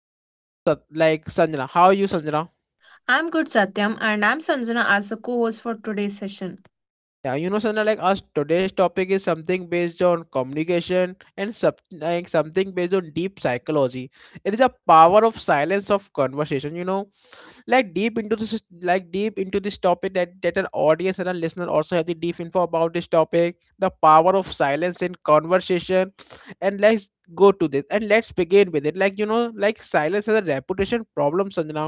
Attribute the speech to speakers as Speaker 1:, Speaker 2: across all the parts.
Speaker 1: is our co-host Sanjana. How are you, Sanjana?
Speaker 2: I'm good, Satyam, and I'm Sanjana as the co host for today's session.
Speaker 1: Sanjana like us today's topic is something based on communication and something based on deep psychology. It is the power of silence of conversation, like deep into this, like deep into this topic, that an audience and a listener also have the deep info about this topic, the power of silence in conversation, and let's go to this and let's begin with it. Like silence has a reputation problem, Sanjana.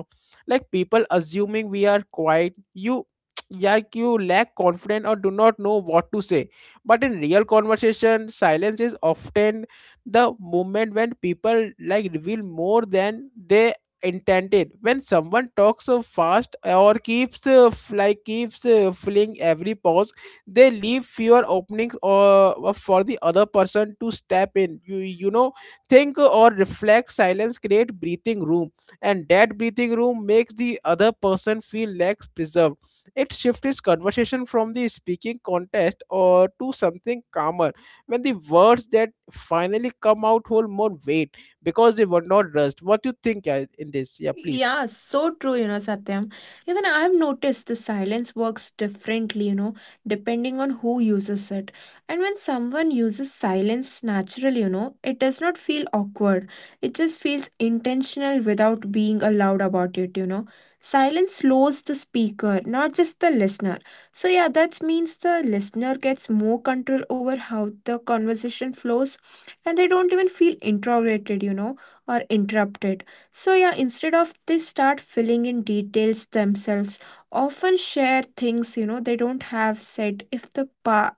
Speaker 1: Like people assuming we are quiet, you like you lack confidence or do not know what to say. But in real conversation, silence is often the moment when people like reveal more than they intended. When someone talks so fast or keeps f- like keeps filling every pause, they leave fewer openings or for the other person to step in, you know, think or reflect. Silence create breathing room, and that breathing room makes the other person feel less preserved. It shifts conversation from the speaking contest or to something calmer, when the words that finally come out hold more weight because they were not dressed. What do you think in this? Yeah, please.
Speaker 2: Yeah, so true, you know, Satyam. Even I've noticed the silence works differently, you know, depending on who uses it. And when someone uses silence naturally, you know, it does not feel awkward. It just feels intentional without being allowed about it, you know. Silence slows the speaker, not just the listener. So, yeah, that means the listener gets more control over how the conversation flows, and they don't even feel introverted, you know, or interrupted. So, yeah, instead of they start filling in details themselves, often share things you know they don't have said if the pa-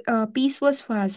Speaker 2: uh, piece was fast.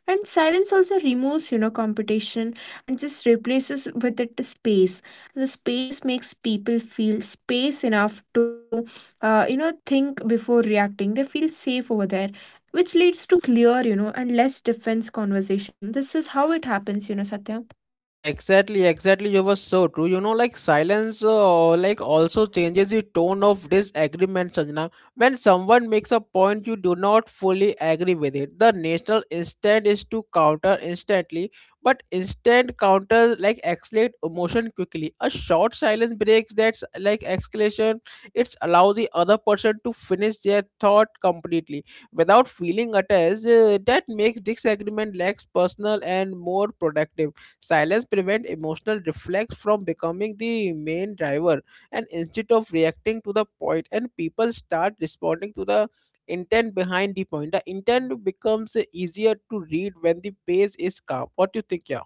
Speaker 2: And silence also removes competition and just replaces with it the space. The space makes people feel space enough to think before reacting. They feel safe over there. Which leads to clear, you know, and less defense conversation. This is how it happens, you know, Satya.
Speaker 1: Yeah, exactly, exactly. You were so true. You know, like silence, like also changes the tone of disagreement, Sanjana. When someone makes a point, you do not fully agree with it. The natural instinct is to counter instantly, but instant counter like escalate emotion quickly. A short silence breaks that's like escalation. It's allow the other person to finish their thought completely without feeling attached. That makes disagreement less personal and more productive. Silence prevents emotional reflex from becoming the main driver, and instead of reacting to the point, and people start responding to the intent behind the point. The intent becomes easier to read when the pace is calm. What do you think, yeah?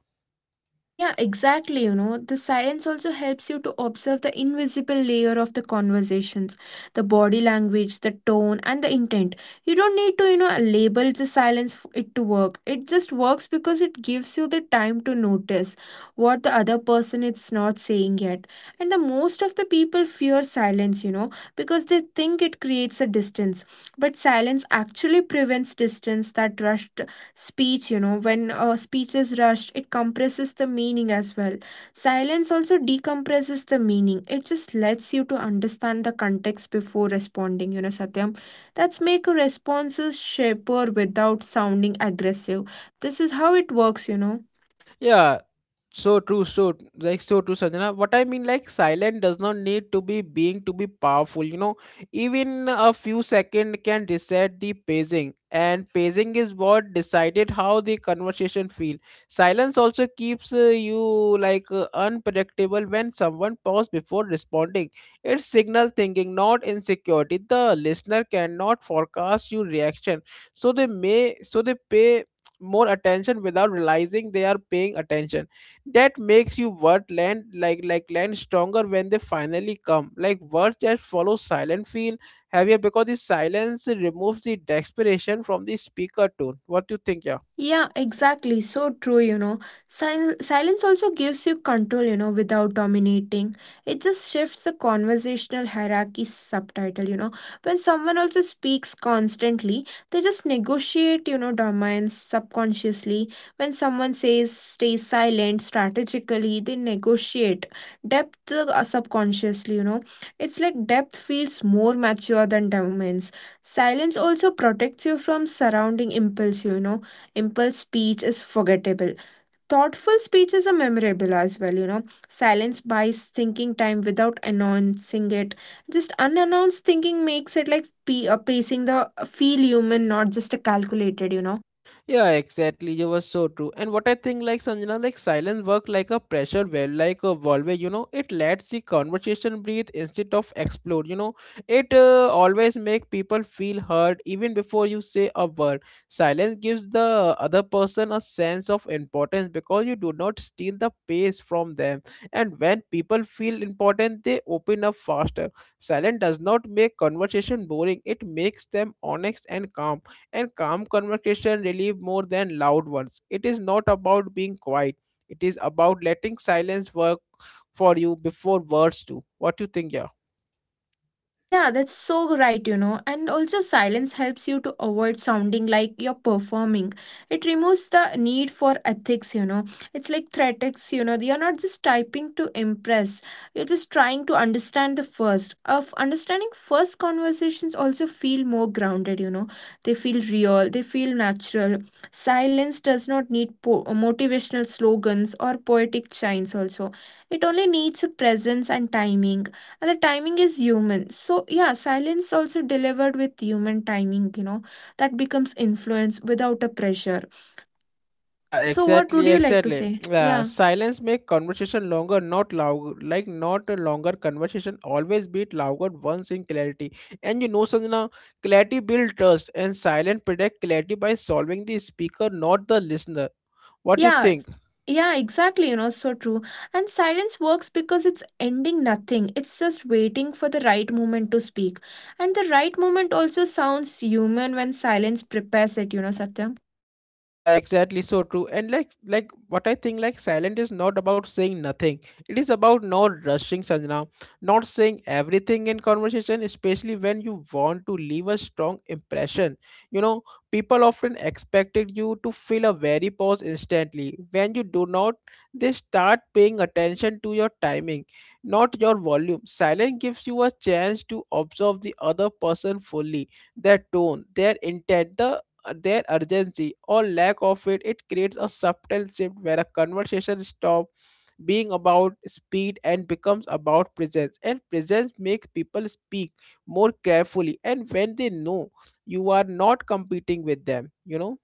Speaker 2: Yeah, exactly. You know, the silence also helps you to observe the invisible layer of the conversations, the body language, the tone, and the intent. You don't need to, you know, label the silence for it to work. It just works because it gives you the time to notice what the other person is not saying yet. And the most of the people fear silence, you know, because they think it creates a distance. But silence actually prevents distance that rushed speech, you know, when a speech is rushed, it compresses the meaning as well. Silence also decompresses the meaning. It just lets you to understand the context before responding, you know, Satyam. That's make a responses shaper without sounding aggressive. This is how it works, you know.
Speaker 1: Yeah, so true, so like so true, Sanjana. What I mean, like silent does not need to be being to be powerful. You know, even a few second can reset the pacing, and pacing is what decided how the conversation feel. Silence also keeps you like unpredictable when someone pause before responding. It's signal thinking, not insecurity. The listener cannot forecast your reaction, so they pay more attention without realizing they are paying attention. That makes you word land like land stronger when they finally come, like words that follow silent feel heavier because the silence removes the desperation from the speaker tone. What do you think, yeah?
Speaker 2: Yeah, exactly. So true, you know. Silence also gives you control, you know, without dominating. It just shifts the conversational hierarchy subtitle, you know. When someone also speaks constantly, they just negotiate, you know, dominance subconsciously. When someone says stay silent strategically, they negotiate depth subconsciously, you know. It's like depth feels more mature than dominance. Silence also protects you from surrounding impulse. Impulse speech is forgettable. Thoughtful speeches are memorable as well, you know. Silence buys thinking time without announcing it. Just unannounced thinking makes it like pacing the feel human, not just a calculated, you know.
Speaker 1: Yeah, exactly. You were so true. And what I think, like Sanjana, like silence work like a pressure valve, like a valve. You know, it lets the conversation breathe instead of explode. You know, it always make people feel heard even before you say a word. Silence gives the other person a sense of importance because you do not steal the pace from them. And when people feel important, they open up faster. Silence does not make conversation boring. It makes them honest and calm, and calm conversation relieve more than loud ones. It is not about being quiet. It is about letting silence work for you before words do. What do you think, yeah?
Speaker 2: Yeah, that's so right, you know. And also, silence helps you to avoid sounding like you're performing. It removes the need for ethics, you know. It's like threatics, you know. You're not just typing to impress, you're just trying to understand the first. Of understanding first conversations also feel more grounded, you know. They feel real, they feel natural. Silence does not need motivational slogans or poetic shines, also. It only needs a presence and timing, and the timing is human. So, yeah, silence also delivered with human timing, you know, that becomes influence without a pressure.
Speaker 1: Yeah,
Speaker 2: So what would
Speaker 1: exactly,
Speaker 2: you like to
Speaker 1: exactly.
Speaker 2: say?
Speaker 1: Uh,
Speaker 2: Yeah.
Speaker 1: silence make conversation longer, not loud. Like not a longer conversation always beat louder once in clarity. And you know, Sanjana, clarity build trust, and silent protect clarity by solving the speaker, not the listener. What you
Speaker 2: Yeah,
Speaker 1: think?
Speaker 2: yeah, exactly, you know, so true. And silence works because it's ending nothing. It's just waiting for the right moment to speak. And the right moment also sounds human when silence prepares it, you know, Satyam.
Speaker 1: Yeah, exactly. So true. And like what I think, like silent is not about saying nothing. It is about not rushing, Sanjana, not saying everything in conversation, especially when you want to leave a strong impression. You know, people often expected you to fill a very pause instantly. When you do not, they start paying attention to your timing, not your volume. Silent gives you a chance to observe the other person fully, their tone, their intent, their urgency or lack of it. It creates a subtle shift where a conversation stops being about speed and becomes about presence, and presence makes people speak more carefully, and when they know you are not competing with them, you know.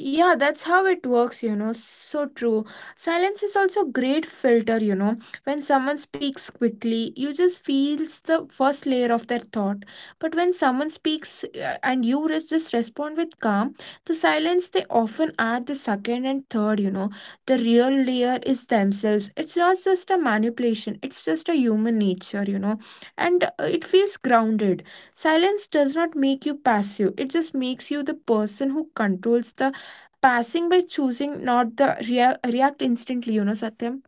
Speaker 2: Yeah, that's how it works, you know. So true. Silence is also great filter, you know. When someone speaks quickly, you just feels the first layer of their thought. But when someone speaks and you just respond with calm, the silence they often add the second and third, you know. The real layer is themselves. It's not just a manipulation, it's just a human nature, you know. And it feels grounded. Silence does not make you passive. It just makes you the person who controls the passing by choosing not the react instantly, you know, Satyam.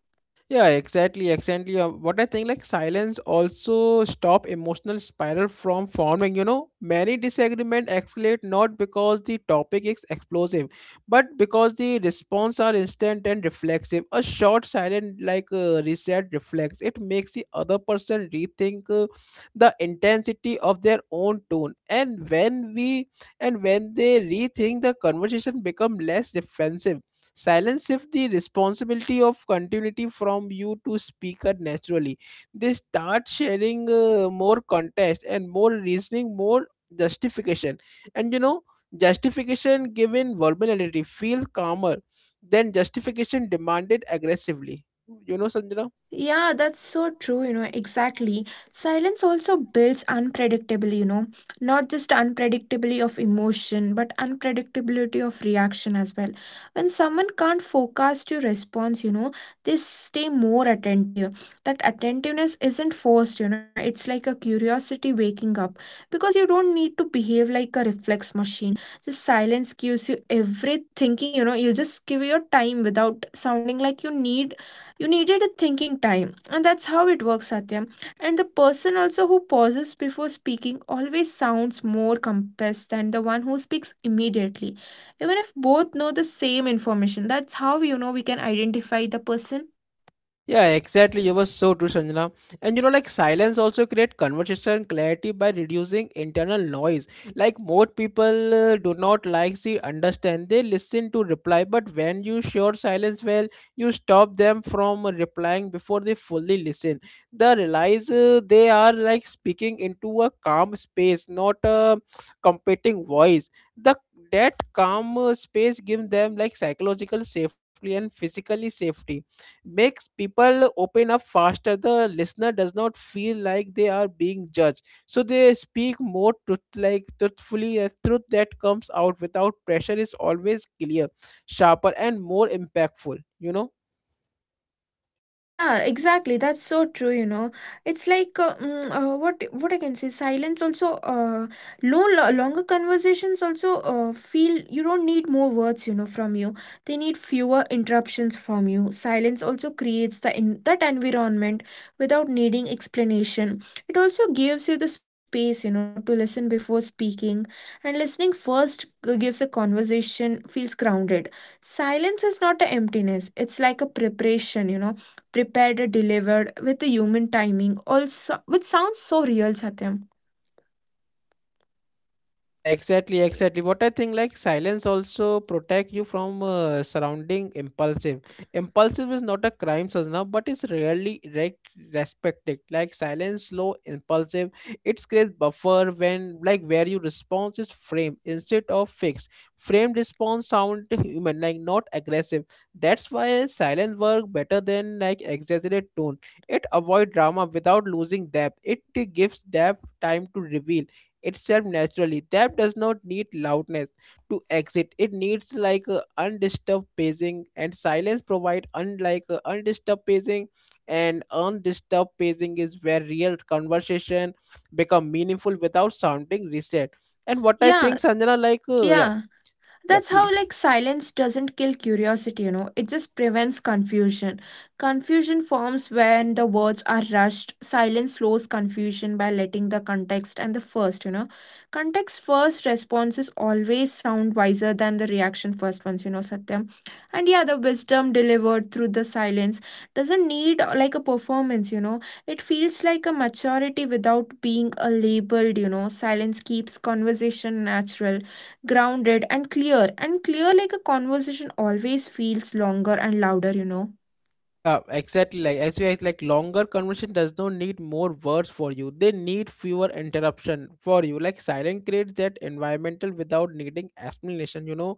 Speaker 1: Yeah, exactly, exactly. What I think, like silence also stop emotional spiral from forming. You know, many disagreement escalate not because the topic is explosive, but because the response are instant and reflexive. A short silent, reset, reflex. It makes the other person rethink the intensity of their own tone, and when we and when they rethink, the conversation become less defensive. Silence shifts the responsibility of continuity from you to speaker naturally. They start sharing more context and more reasoning, more justification. And you know, justification given vulnerability feels calmer than justification demanded aggressively. You know, Sanjana?
Speaker 2: Yeah, that's so true, you know, exactly. Silence also builds unpredictable, you know, not just unpredictability of emotion, but unpredictability of reaction as well. When someone can't forecast your response, you know, they stay more attentive. That attentiveness isn't forced, you know, it's like a curiosity waking up because you don't need to behave like a reflex machine. Just silence gives you every thinking, you know, you just give your time without sounding like you needed a thinking time, and that's how it works, Satyam. And the person also who pauses before speaking always sounds more compassed than the one who speaks immediately. Even if both know the same information, that's how you know we can identify the person.
Speaker 1: Yeah, exactly. You were so true, Sanjana. And you know, like silence also create conversation clarity by reducing internal noise. Like most people do not like see understand. They listen to reply, but when you share silence well, you stop them from replying before they fully listen. They realize they are like speaking into a calm space, not a competing voice. The that calm space gives them like psychological safety, and physically safety makes people open up faster. The listener does not feel like they are being judged, so they speak more truth, like truthfully. The truth that comes out without pressure is always clear, sharper, and more impactful. You know.
Speaker 2: Yeah, exactly. That's so true, you know. It's like what I can say, silence also no lo longer conversations also feel you don't need more words, you know, from you. They need fewer interruptions from you. Silence also creates the in that environment without needing explanation. It also gives you the space, you know, to listen before speaking, and listening first gives a conversation feels grounded. Silence is not an emptiness. It's like a preparation, prepared and delivered with the human timing also, which sounds so real, Satyam.
Speaker 1: Yeah, exactly, exactly. What I think, like silence also protect you from surrounding impulsive. Impulsive is not a crime, Sajna, but it's rarely respected. Like silence, slow, impulsive. It's great buffer when, like, where your response is framed instead of fixed. Framed response sound human, like not aggressive. That's why silence work better than like exaggerated tone. It avoid drama without losing depth. It gives depth time to reveal itself naturally. That does not need loudness to exit. It needs undisturbed pacing, and silence provide unlike undisturbed pacing, and undisturbed pacing is where real conversation become meaningful without sounding reset. And what I
Speaker 2: Yeah,
Speaker 1: think, Sanjana, yeah.
Speaker 2: yeah,
Speaker 1: Yeah,
Speaker 2: that's
Speaker 1: please.
Speaker 2: how, like, silence doesn't kill curiosity, you know, it just prevents confusion. Confusion forms when the words are rushed. Silence slows confusion by letting the context and the first, you know, context first responses always sound wiser than the reaction first ones, you know, Satyam. And, yeah, the wisdom delivered through the silence doesn't need like a performance, you know. It feels like a maturity without being a labeled, you know. Silence keeps conversation natural, grounded, and clear. And clear like a conversation always feels longer and louder, you know.
Speaker 1: Yeah, exactly. Like as you act, like longer conversation does not need more words for you. They need fewer interruption for you. Like silent creates that environmental without needing explanation. You know,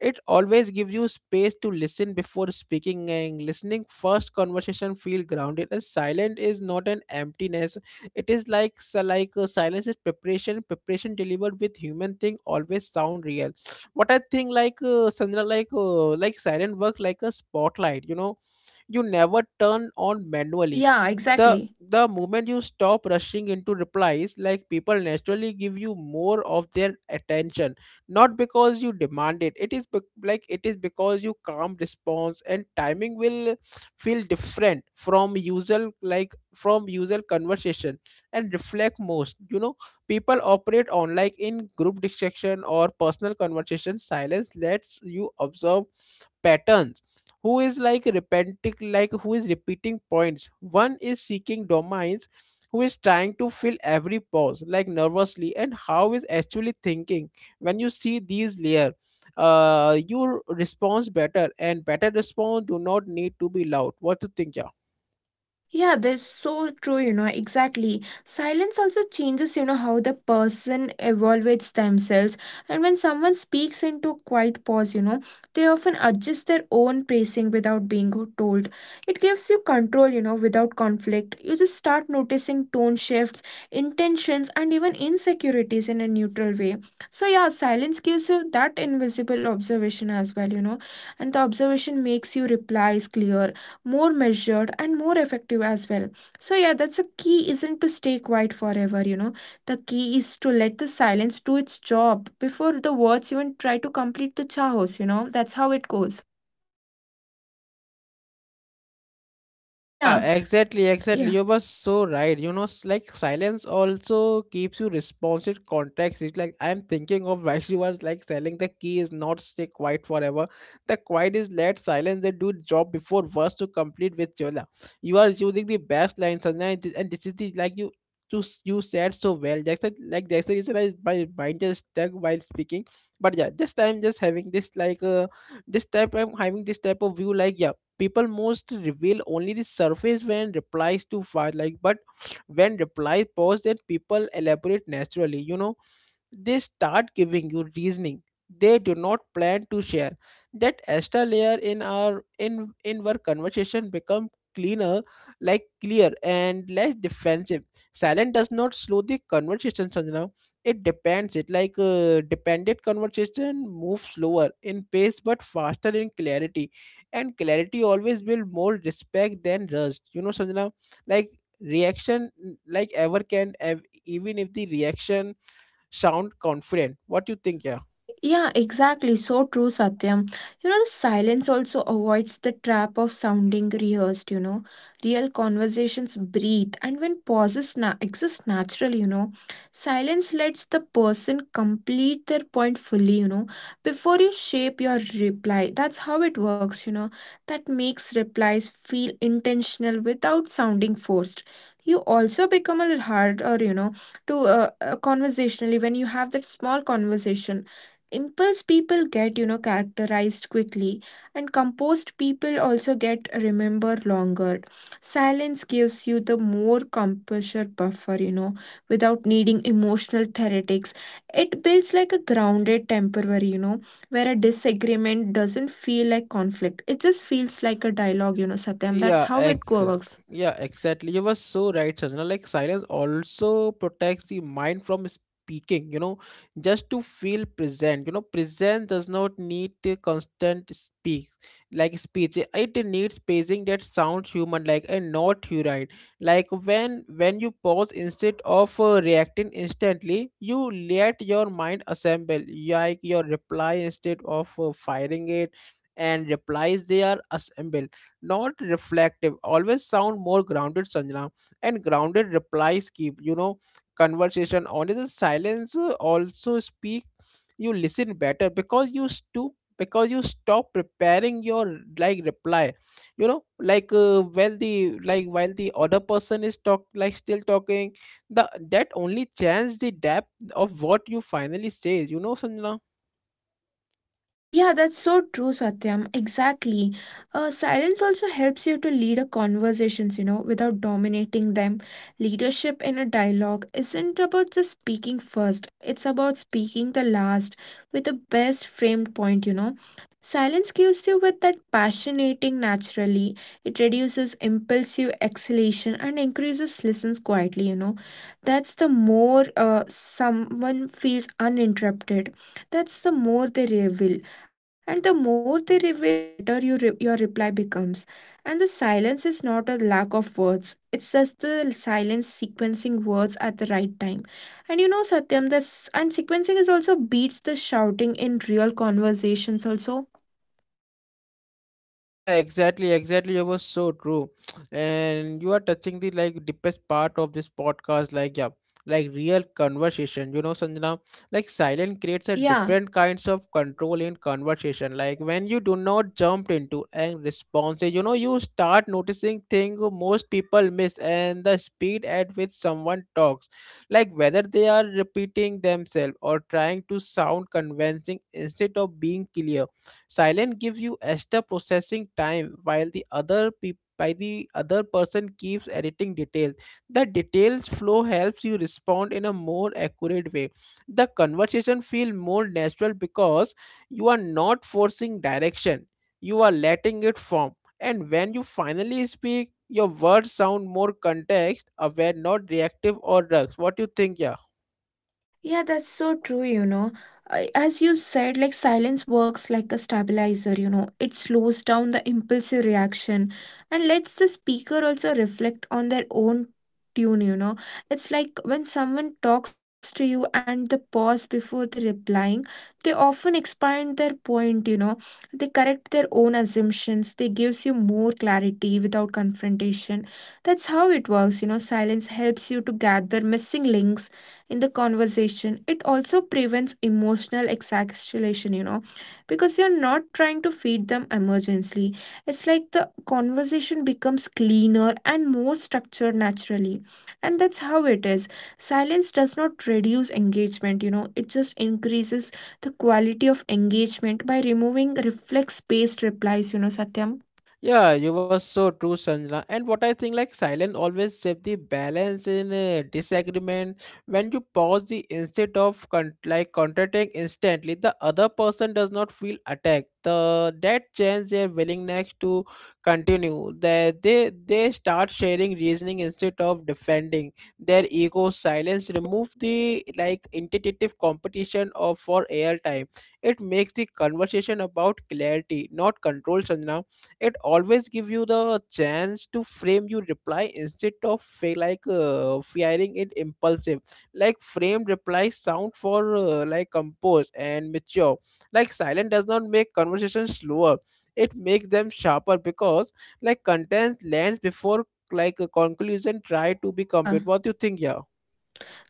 Speaker 1: it always gives you space to listen before speaking. And listening first, conversation feel grounded. And silent is not an emptiness. It is like so silence is preparation. Preparation delivered with human thing always sound real. What I think Sandra like silent work like a spotlight. You know you never turn on manually.
Speaker 2: Yeah,
Speaker 1: The
Speaker 2: exactly.
Speaker 1: the moment you stop rushing into replies, like people naturally give you more of their attention, not because you demand it. It is it is because you calm response and timing will feel different from usual, like from usual conversation and reflect most. You know, people operate on like in group discussion or personal conversation. Silence lets you observe patterns, who is like repenting like who is repeating points, one is seeking domains, who is trying to fill every pause like nervously, and how is actually thinking. When you see these layer, your response better, and better response do not need to be loud. What do you think, yeah?
Speaker 2: Yeah, that's so true, you know, exactly. Silence also changes, you know, how the person evaluates themselves. And when someone speaks into a quiet pause, you know, they often adjust their own pacing without being told. It gives you control, you know, without conflict. You just start noticing tone shifts, intentions, and even insecurities in a neutral way. So, yeah, silence gives you that invisible observation as well, you know, and the observation makes you replies clear, more measured, and more effective as well. So, yeah, that's a key, isn't to stay quiet forever, you know. The key is to let the silence do its job before the words even try to complete the chaos, you know, that's how it goes. Yeah,
Speaker 1: Yeah, exactly, exactly.
Speaker 2: yeah.
Speaker 1: You were so right. You know, silence also keeps you responsive context. It's like I'm thinking of why you are like selling the key is not stay quiet forever. The quiet is let silence they do job before verse to complete with Jola. You are using the best lines, and this is the like you you said so well. That's the, like that's the reason I, my mind just stuck while speaking. But yeah, this time just having this like this type I'm having this type of view, like yeah, people most reveal only the surface when replies to fire, like, but when replies pause, that people elaborate naturally, you know, they start giving you reasoning they do not plan to share. That extra layer in our in our conversation become cleaner, like clear and less defensive. Silent does not slow the conversation now. It depends, it like dependent conversation moves slower in pace but faster in clarity, and clarity always will more respect than rust. You know, Sanjana, like reaction, even if the reaction sound confident. What do you think, yeah?
Speaker 2: Yeah, exactly. So true, Satyam. You know, the silence also avoids the trap of sounding rehearsed, you know. Real conversations breathe, and when pauses exist naturally, you know, silence lets the person complete their point fully, you know, before you shape your reply. That's how it works, you know. That makes replies feel intentional without sounding forced. You also become a little harder, you know, to conversationally when you have that small conversation. Impulse people get, you know, characterized quickly, and composed people also get remember longer. Silence gives you the more composure buffer, you know, without needing emotional therapeutics. It builds like a grounded temporary, you know, where a disagreement doesn't feel like conflict, it just feels like a dialogue, you know, Satyam.
Speaker 1: Yeah,
Speaker 2: That's how it
Speaker 1: excellent.
Speaker 2: works.
Speaker 1: Yeah, exactly. You were so right, Sanjana. Like silence also protects the mind from speaking, you know, just to feel present. You know, present does not need a constant speak like speech. It needs pacing that sounds human like and not hurried. Like when you pause instead of reacting instantly, you let your mind assemble. Like your reply instead of firing it, and replies they are assembled, not reflective. Always sound more grounded, Sanjana. And grounded replies keep, you know, conversation on. The silence also speak. You listen better because you stop preparing your like reply. You know, like when the like while the other person is talk like still talking, the that only changes the depth of what you finally say. You know, Sanjana.
Speaker 2: Yeah, that's so true, Satyam. Exactly. Silence also helps you to lead a conversations, you know, without dominating them. Leadership in a dialogue isn't about just speaking first, it's about speaking the last with the best framed point, you know. Silence gives you with that passionating naturally. It reduces impulsive exhalation and increases listens quietly, you know. That's the more someone feels uninterrupted, that's the more they reveal, and the more they reveal is the better your reply becomes. And the silence is not a lack of words, it's just the silence sequencing words at the right time. And, you know, Satyam, this. And sequencing is also beats the shouting in real conversations also.
Speaker 1: Yeah, exactly, exactly. It was so true. And you are touching the like deepest part of this podcast, like yeah, like real conversation. You know, Sanjana, like silence creates a
Speaker 2: Yeah.
Speaker 1: different kinds of control in conversation. Like when you do not jump into and responses, you know, you start noticing things most people miss and the speed at which someone talks. Like whether they are repeating themselves or trying to sound convincing instead of being clear. Silent gives you extra processing time while the other people by the other person keeps editing details. The details flow helps you respond in a more accurate way. The conversation feel more natural because you are not forcing direction. You are letting it form. And when you finally speak, your words sound more context aware, not reactive or drugs. What do you think, yeah?
Speaker 2: Yeah, that's so true, you know. As you said, like silence works like a stabilizer, you know. It slows down the impulsive reaction and lets the speaker also reflect on their own tune, you know. It's like when someone talks to you and the pause before the replying, they often expand their point, you know. They correct their own assumptions. They gives you more clarity without confrontation. That's how it works, you know. Silence helps you to gather missing links in the conversation. It also prevents emotional exaggeration, you know, because you're not trying to feed them emergency. It's like the conversation becomes cleaner and more structured naturally. And that's how it is. Silence does not reduce engagement, you know, it just increases the quality of engagement by removing reflex based replies, you know, Satyam.
Speaker 1: Yeah, you were so true, Sanjana. And what I think, like silence always save the balance in a disagreement. When you pause the instead of contracting instantly, the other person does not feel attacked. The that change their willingness to continue. That they start sharing reasoning instead of defending their ego. Silence remove the like intimidative competition of for airtime. It makes the conversation about clarity, not control, Sanjana. It always give you the chance to frame your reply instead of firing it impulsive, like framed replies sound for like composed and mature. Like silent does not make conversation slower, it makes them sharper because like content lands before like a conclusion try to be complete.
Speaker 2: Yeah.
Speaker 1: What do you think, yeah?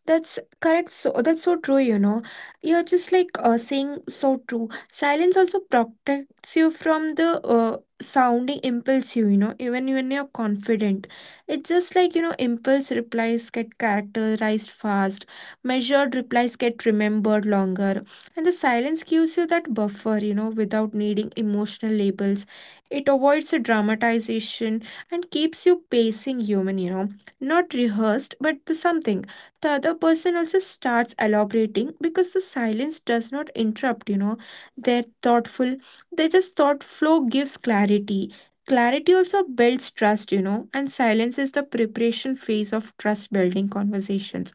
Speaker 2: That's correct. So that's so true, you know. You're just like saying so true. Silence also protects you from the sounding impulsive, you know, even when you're confident. It's just like, impulse replies get characterized fast, measured replies get remembered longer. And the silence gives you that buffer, without needing emotional labels. It avoids the dramatization and keeps you pacing human, not rehearsed, but the something the other person also starts elaborating because the silence does not interrupt. They're thoughtful. They just thought flow gives clarity. Clarity also builds trust and silence is the preparation phase of trust building conversations.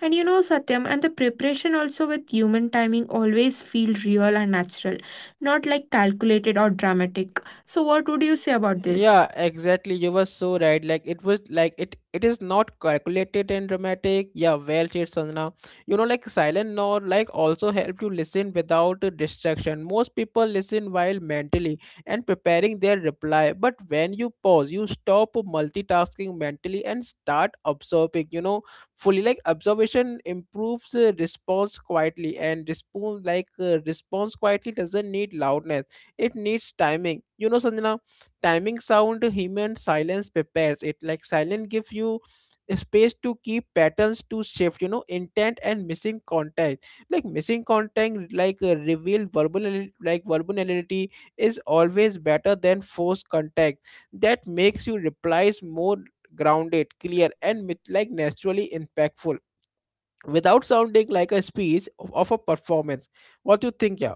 Speaker 2: And Satyam, and the preparation also with human timing always feel real and natural, not like calculated or dramatic. So what would you say about this?
Speaker 1: Yeah, exactly. You were so right. Like it was like it is not calculated and dramatic. Yeah, well said, Sanjana. You know, like silent note like also help you listen without a distraction. Most people listen while mentally and preparing their reply. But when you pause, you stop multitasking mentally and start absorbing, you know, fully, like observation improves response quietly, and response quietly doesn't need loudness. It needs timing. You know, Sanjana, timing sound human silence prepares it, like silence gives you space to keep patterns to shift, you know, intent and missing contact. Like missing contact reveal verbal like vulnerability is always better than forced contact. That makes your replies more grounded, clear, and naturally impactful without sounding like a speech of a performance. What do you think, yeah?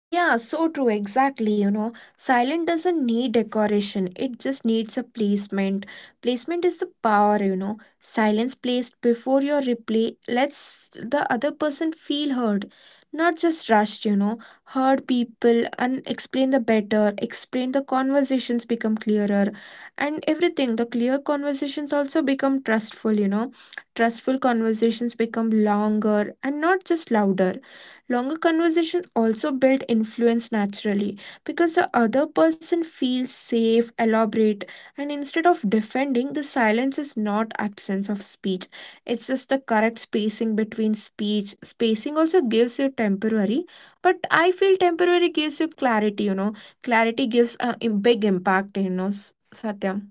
Speaker 2: Yeah, so true, exactly. Silent doesn't need decoration, it just needs a placement. Placement is the power. Silence placed before your replay lets the other person feel heard, not just rushed. Heard people and explain the better, explain the conversations become clearer, and everything. The clear conversations also become trustful. Trustful conversations become longer and not just louder. Longer conversations also build influence naturally because the other person feels safe, elaborate, and instead of defending, the silence is not absence of speech. It's just the correct spacing between speech. Spacing also gives you temporary, but I feel temporary gives you clarity. Clarity gives a big impact, Satyam.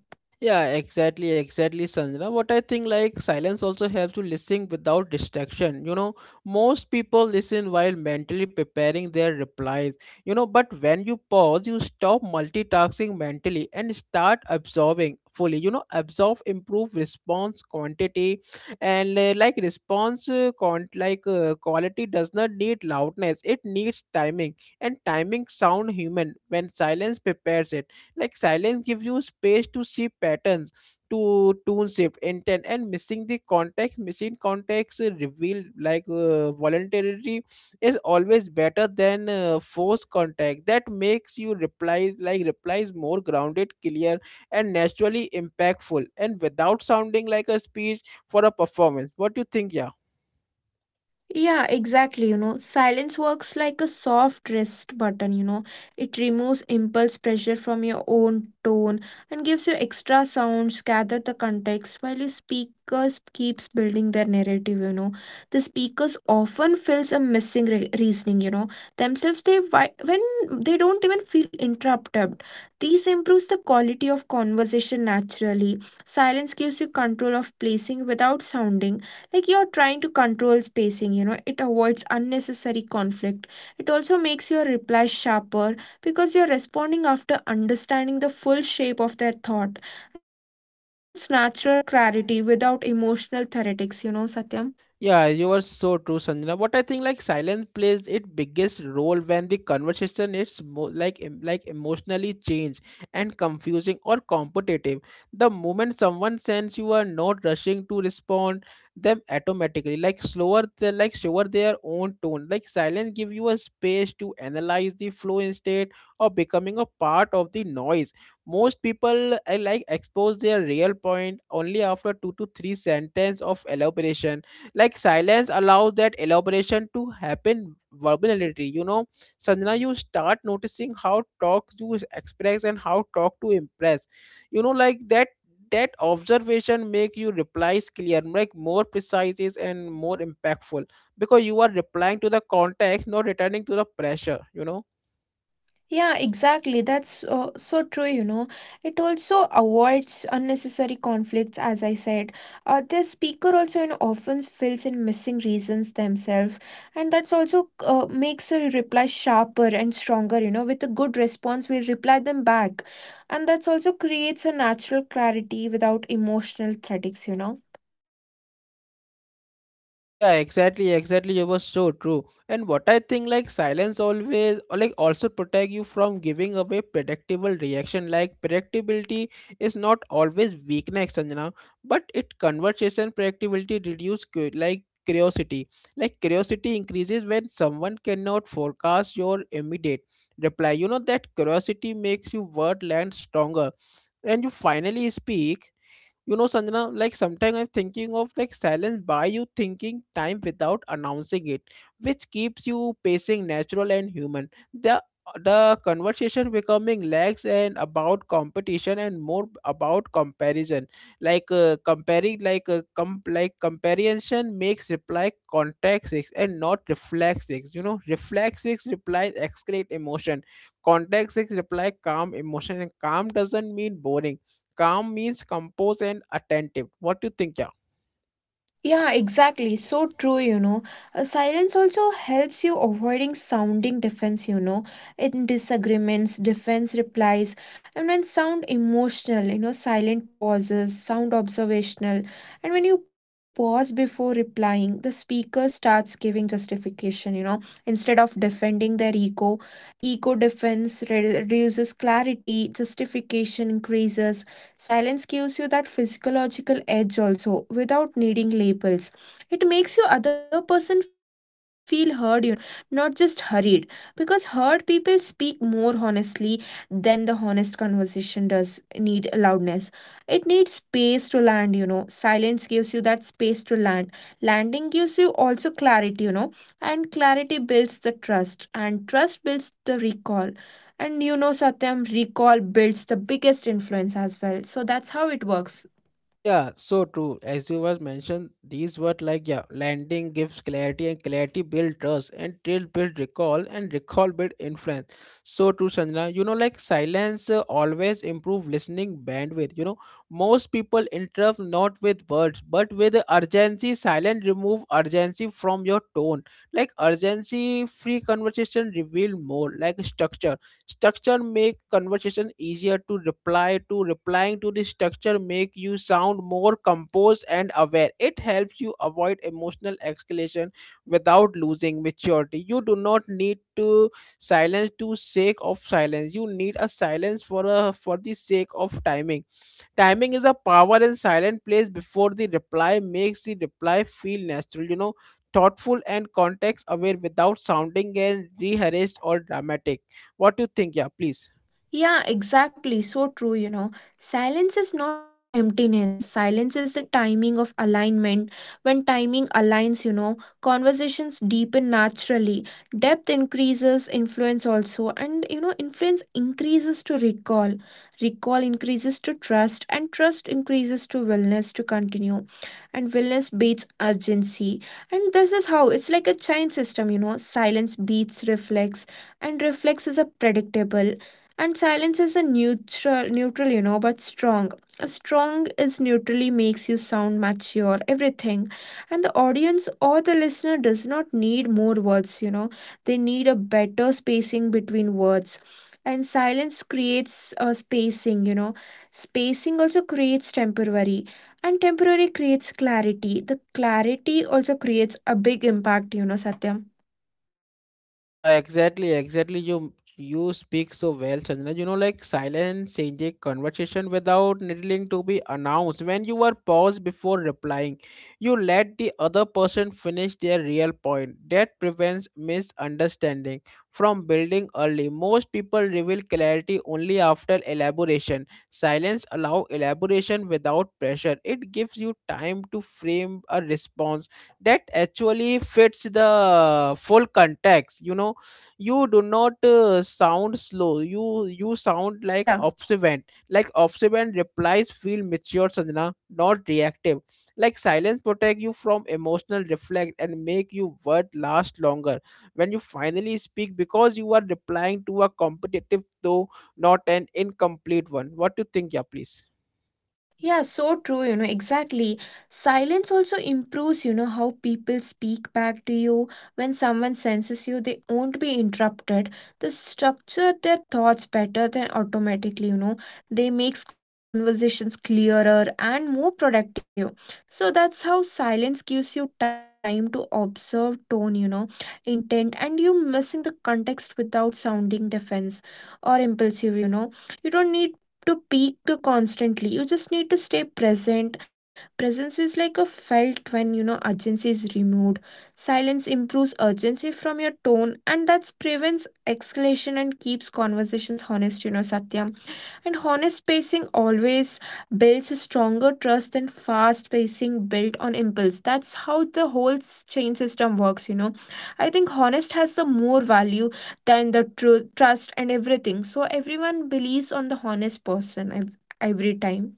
Speaker 1: Yeah, exactly, exactly, Sanjana. What I think, like silence also helps you listen without distraction. You know, most people listen while mentally preparing their replies. You know, but when you pause, you stop multitasking mentally and start absorbing fully. You know, absorb, improve response quantity, and like quality does not need loudness. It needs timing, and timing sound human when silence prepares it, like silence gives you space to see patterns, to tune shift, intent, and missing the context. Missing context revealed voluntarily is always better than forced contact. That makes you replies like replies more grounded, clear, and naturally impactful, and without sounding like a speech for a performance. What do you think,
Speaker 2: Yeah, exactly. Silence works like a soft rest button. It removes impulse pressure from your own tone and gives you extra sounds, gather the context while your speakers keeps building their narrative. The speakers often fills a missing reasoning. Themselves, they when they don't even feel interrupted. These improves the quality of conversation naturally. Silence gives you control of placing without sounding like you're trying to control spacing. It avoids
Speaker 1: yeah?
Speaker 2: unnecessary conflict. It also makes your reply sharper because you're responding after understanding the full shape of their thought, and that creates natural clarity without emotional theoretics, Satyam.
Speaker 1: Yeah, you are so true, Sanjana. What I think, like silence plays its biggest role when the conversation is emotionally changed and confusing or competitive. The moment someone sends you are not rushing to respond them automatically, like slower, they like slower their own tone. Like silence give you a space to analyze the flow instead of becoming a part of the noise. Most people I like expose their real point only after two to three sentence of elaboration, like silence allows that elaboration to happen verbality. You know, Sanjana, you start noticing how talk to express and how talk to impress, you know, like that observation make you replies clear like more precise is and more impactful because you are replying to the context, not returning to the pressure, you know.
Speaker 2: Yeah, exactly. That's so true, It also avoids unnecessary conflicts, as I said. The speaker also often fills in missing reasons themselves, and that's also makes a reply sharper and stronger, With a good response, we'll reply them back, and that's also creates a natural clarity without emotional threats.
Speaker 1: Yeah, exactly, exactly. You were so true. And what I think, like silence always, or like also protect you from giving away
Speaker 2: Yeah.
Speaker 1: predictable reaction. Like predictability is not always weakness, Sanjana, but it conversation predictability reduce curiosity. Like curiosity increases when someone cannot forecast your immediate reply. You know that curiosity makes you word land stronger and you finally speak. You know, Sanjana, like sometimes I'm thinking of like silence by you thinking time without announcing it, which keeps you pacing natural and human. The conversation becoming lax and about competition and more about comparison, like comparison makes reply context and not reflexive, you know. Reflexive replies escalate emotion. Context six reply calm, emotion, and calm doesn't mean boring. Calm means composed and attentive. What do you think, yeah?
Speaker 2: Yeah, exactly. So true, Silence also helps you avoiding sounding defense, in disagreements, defense replies, and when sound emotional, silent pauses, sound observational. And when you pause before replying, the speaker starts giving justification, instead of defending their ego. Ego defense reduces clarity, justification increases. Silence gives you that physiological edge also without needing labels. It makes your other person feel heard, you know, Satyam, not just hurried. Because heard people speak more honestly than the honest conversation does need loudness. It needs space to land, Silence gives you that space to land. Landing gives you also clarity, and clarity builds the trust, and trust builds the recall, and you know, Satyam, recall builds the biggest influence as well. So that's how it works.
Speaker 1: Yeah, so true. As you was mentioned, these were like yeah, landing gives clarity and clarity build trust and trust build recall and recall build influence. So true, Sanjana. You know, like silence always improve listening bandwidth. You know, most people interrupt not with words but with urgency. Silence remove urgency from your tone. Like urgency free conversation reveal more like structure. Structure make conversation easier to reply to, replying to the structure make you sound more composed and aware. It helps you avoid emotional escalation without losing maturity. You do not need to silence to sake of silence, you need a silence for the sake of timing. Timing is a power, and silent place before the reply makes the reply feel natural, you know, thoughtful and context aware without sounding and rehearsed or dramatic. What do you think? Yeah, please.
Speaker 2: Yeah, exactly. So true, Silence is not emptiness. Silence is the timing of alignment. When timing aligns, conversations deepen naturally. Depth increases, influence also. And, influence increases to recall. Recall increases to trust. And trust increases to willingness to continue. And willingness beats urgency. And this is how it's like a chain system, Silence beats reflex. And reflex is a predictable, and silence is a neutral but strong. A strong is neutrally makes you sound mature everything, and the audience or the listener does not need more words. They need a better spacing between words, and silence creates a spacing. Spacing also creates temporary, and temporary creates clarity. The clarity also creates a big impact, Satyam.
Speaker 1: Yeah, exactly, exactly. You speak so well, Chandra. You know, like silence changes conversation without needing to be announced. When you are paused before replying, you let the other person finish their real point. That prevents misunderstanding from building early. Most people reveal clarity only after elaboration. Silence allows elaboration without pressure. It gives you time to frame a response that actually fits the full context. You know, you do not sound slow, you sound like
Speaker 2: Yeah.
Speaker 1: observant, like observant replies feel mature, Sanjana, not reactive. Like silence protect you from emotional reflect and make you word last longer when you finally speak, because you are replying to a competitive though, not an incomplete one. What do you think, yeah? Please.
Speaker 2: Yeah, so true, exactly. Silence also improves, how people speak back to you. When someone senses you, they won't be interrupted. They structure their thoughts better than automatically, They makes conversations clearer and more productive. So that's how silence gives you time to observe tone, intent, and you missing the context without sounding defense or impulsive, you know. You don't need to peak to constantly. You just need to stay present. Presence is like a felt when urgency is removed. Silence improves urgency from your tone, and that prevents escalation and keeps conversations honest, Satyam. And honest pacing always builds a stronger trust than fast pacing built on impulse. That's how the whole chain system works, I think honest has the more value than the truth, trust, and everything, so everyone believes on the honest person, every time.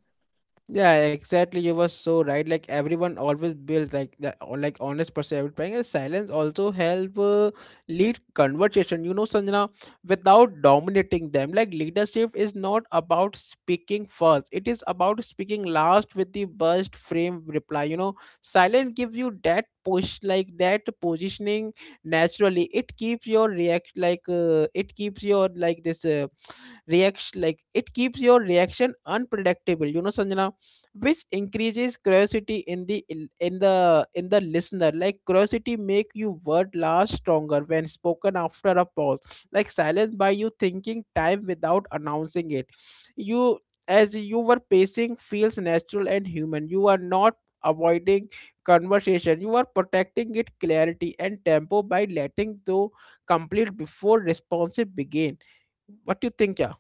Speaker 1: Yeah, exactly. You were so right. Like everyone always builds like the or like honest perspective. And silence also help lead conversation. You know, Sanjana, without dominating them. Like leadership is not about speaking first. It is about speaking last with the best frame reply. You know, silence gives you that push, like that positioning naturally. It keeps your react it keeps your like this. Reaction like it keeps your reaction unpredictable, you know, Sanjana, which increases curiosity in the in the listener. Like curiosity make you word last stronger when spoken after a pause, like silence by you thinking time without announcing it. You as you were pacing feels natural and human, you are not avoiding conversation, you are protecting it clarity and tempo by letting though complete before responsive begin. What do you think, yeah?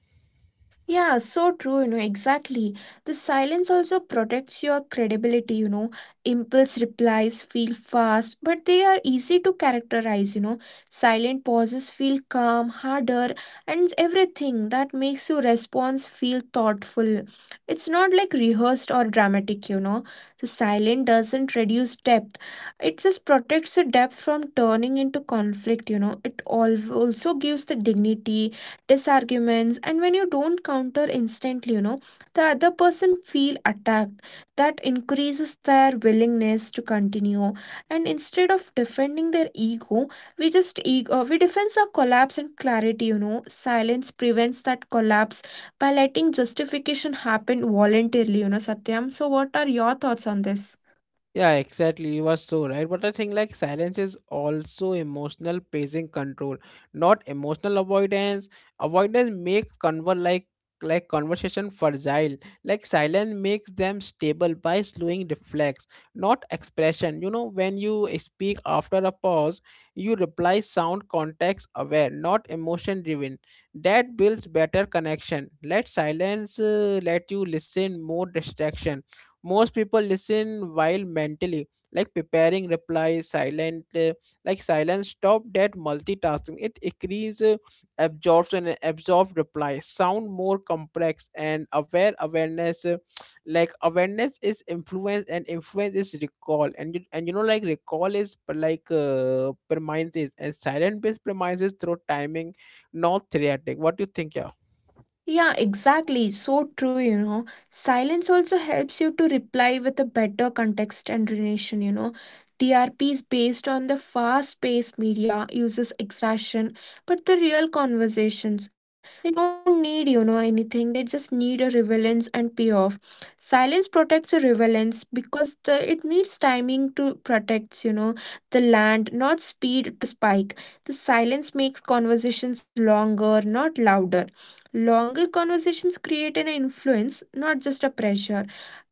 Speaker 2: Yeah, so true, exactly. The silence also protects your credibility, Impulse replies feel fast, but they are easy to characterize, Silent pauses feel calm, harder, and everything that makes your response feel thoughtful. It's not like rehearsed or dramatic, The silent doesn't reduce depth, it just protects the depth from turning into conflict, It also gives the dignity disarguments, and when you don't counter instantly, the other person feel attacked. That increases their willingness to continue, and instead of defending their ego, we just ego we defend our collapse and clarity, silence prevents that collapse by letting justification happen voluntarily, Satyam. So what are your thoughts on this?
Speaker 1: Yeah, exactly. You are so right. But I think like silence is also emotional pacing control, not emotional avoidance. Avoidance makes conver like conversation fragile. Like silence makes them stable by slowing reflex, not expression. You know, when you speak after a pause, you reply sound context aware, not emotion driven. That builds better connection. Let silence let you listen more distraction. Most people listen while mentally like preparing replies, silent like silence stop that multitasking. It increase absorption, and absorb replies sound more complex and aware. Awareness like awareness is influence, and influence is recall, and you know like recall is premises, and silent based premises through timing, not theoretic. What do you think, yeah?
Speaker 2: Yeah, exactly. So true, Silence also helps you to reply with a better context and relation, TRP is based on the fast paced media, uses extraction, but the real conversations, they don't need, anything. They just need a relevance and payoff. Silence protects a relevance because the it needs timing to protect, the land, not speed to spike. The silence makes conversations longer, not louder. Longer conversations create an influence, not just a pressure.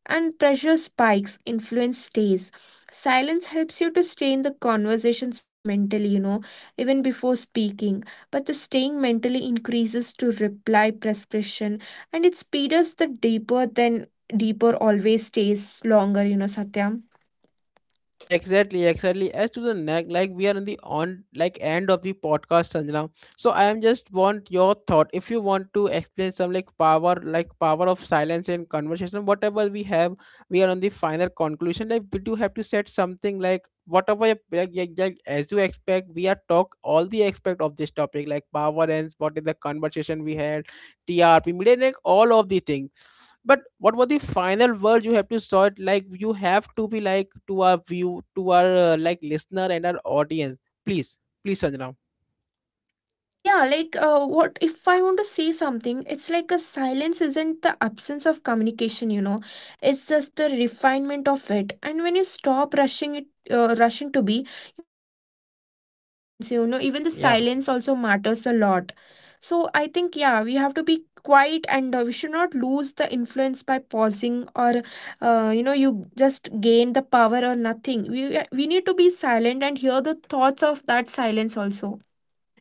Speaker 2: And pressure spikes, influence stays. Silence helps you to stay in the conversations mentally, even before speaking. But the staying mentally increases to reply prescription, and it speeds the deeper than deeper always stays longer, Satya.
Speaker 1: Yeah, exactly, exactly. As to the neck, like we are in the on like end of the podcast, Sanjana. So I am just want your thought. If you want to explain some like power of silence and conversation, whatever we have, we are on the final conclusion. Like we do have to set something like whatever as you expect, we are talk all the aspect of this topic, like power ends, what is the conversation we had, TRP, media, like all of the things, but what were the final words you have to sort like you have to be like to our view to our like listener and our audience. Please. Please, Sanjana.
Speaker 2: Yeah, like what if I want to say something? It's like a silence isn't the absence of communication, It's just the refinement of it. And when you stop rushing it, rushing to be, you'll be here that silence, Even the silence
Speaker 1: Yeah.
Speaker 2: also matters a lot. So I think yeah, we have to be quiet and we should not lose the influence by pausing or you just gain the power or nothing. We need to be silent and hear the thoughts of that silence also.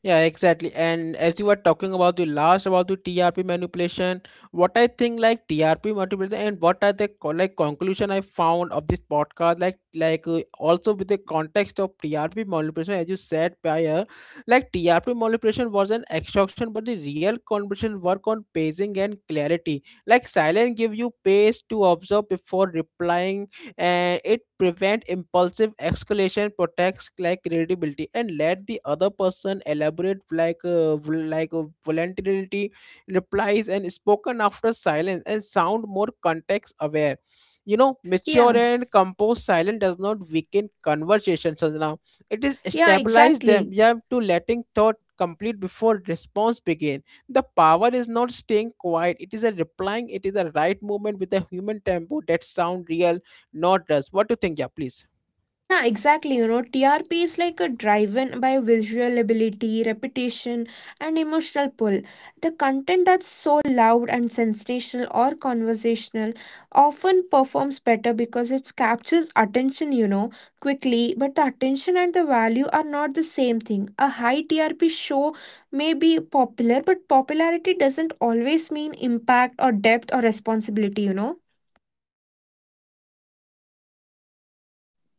Speaker 1: Yeah, exactly. And as you were talking about the last about the TRP manipulation, what I think like TRP manipulation and what are the conclusion I found of this podcast, like also with the context of TRP manipulation, as you said prior, like TRP manipulation was an extraction, but the real conversation work on pacing and clarity. Like silence give you pace to observe before replying, and it prevent impulsive escalation, protects like credibility, and let the other person elaborate voluntarily. Replies and spoken after silence and sound more context aware, you know,
Speaker 2: Yeah.
Speaker 1: mature and composed. Silence does not weaken conversations, as now it is
Speaker 2: Yeah,
Speaker 1: stabilize them,
Speaker 2: exactly.
Speaker 1: yeah, to letting thought complete before response begin. The power is not staying quiet, it is a replying, it is a right movement with a human tempo that sound real, not us. What do you think? Yeah, please.
Speaker 2: Yeah, exactly. You know, TRP is like a driven by visual ability, repetition, and emotional pull. The content that's so loud and sensational or conversational often performs better because it captures attention, quickly. But the attention and the value are not the same thing. A high TRP show may be popular, but popularity doesn't always mean impact or depth or responsibility,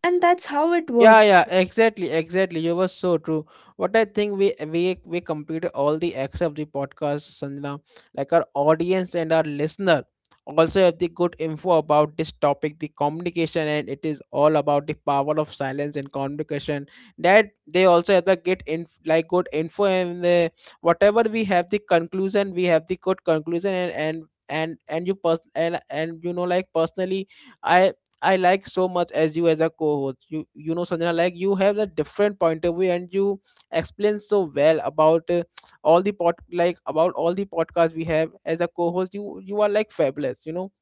Speaker 2: And that's how it
Speaker 1: Yeah,
Speaker 2: works.
Speaker 1: yeah, exactly, exactly. You were so true. What I think we completed all the acts of the podcast, Sanjana. Like our audience and our listener also have the good info about this topic, the communication, and it is all about the power of silence and communication. That they also have the get in like good info and the whatever we have the conclusion, we have the good conclusion and you pers- and you know like personally. I I like so much as you as a co-host. You know, Sanjana, like you have a different point of view and you explain so well about all the pod like about all the podcasts we have as a co-host. You are like fabulous, you know.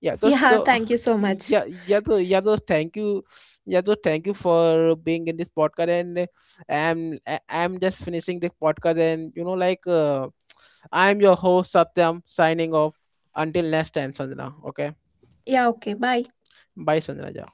Speaker 1: Yeah, so
Speaker 2: Yeah,
Speaker 1: so
Speaker 2: thank you so much.
Speaker 1: yeah yeah so yeah so thank you. Yeah, so thank you for being in this podcast, and I'm just finishing this podcast, and you know like I'm your host Satyam signing off until next time, Sanjana. Okay,
Speaker 2: Yeah, okay, bye.
Speaker 1: bye, Sanjana.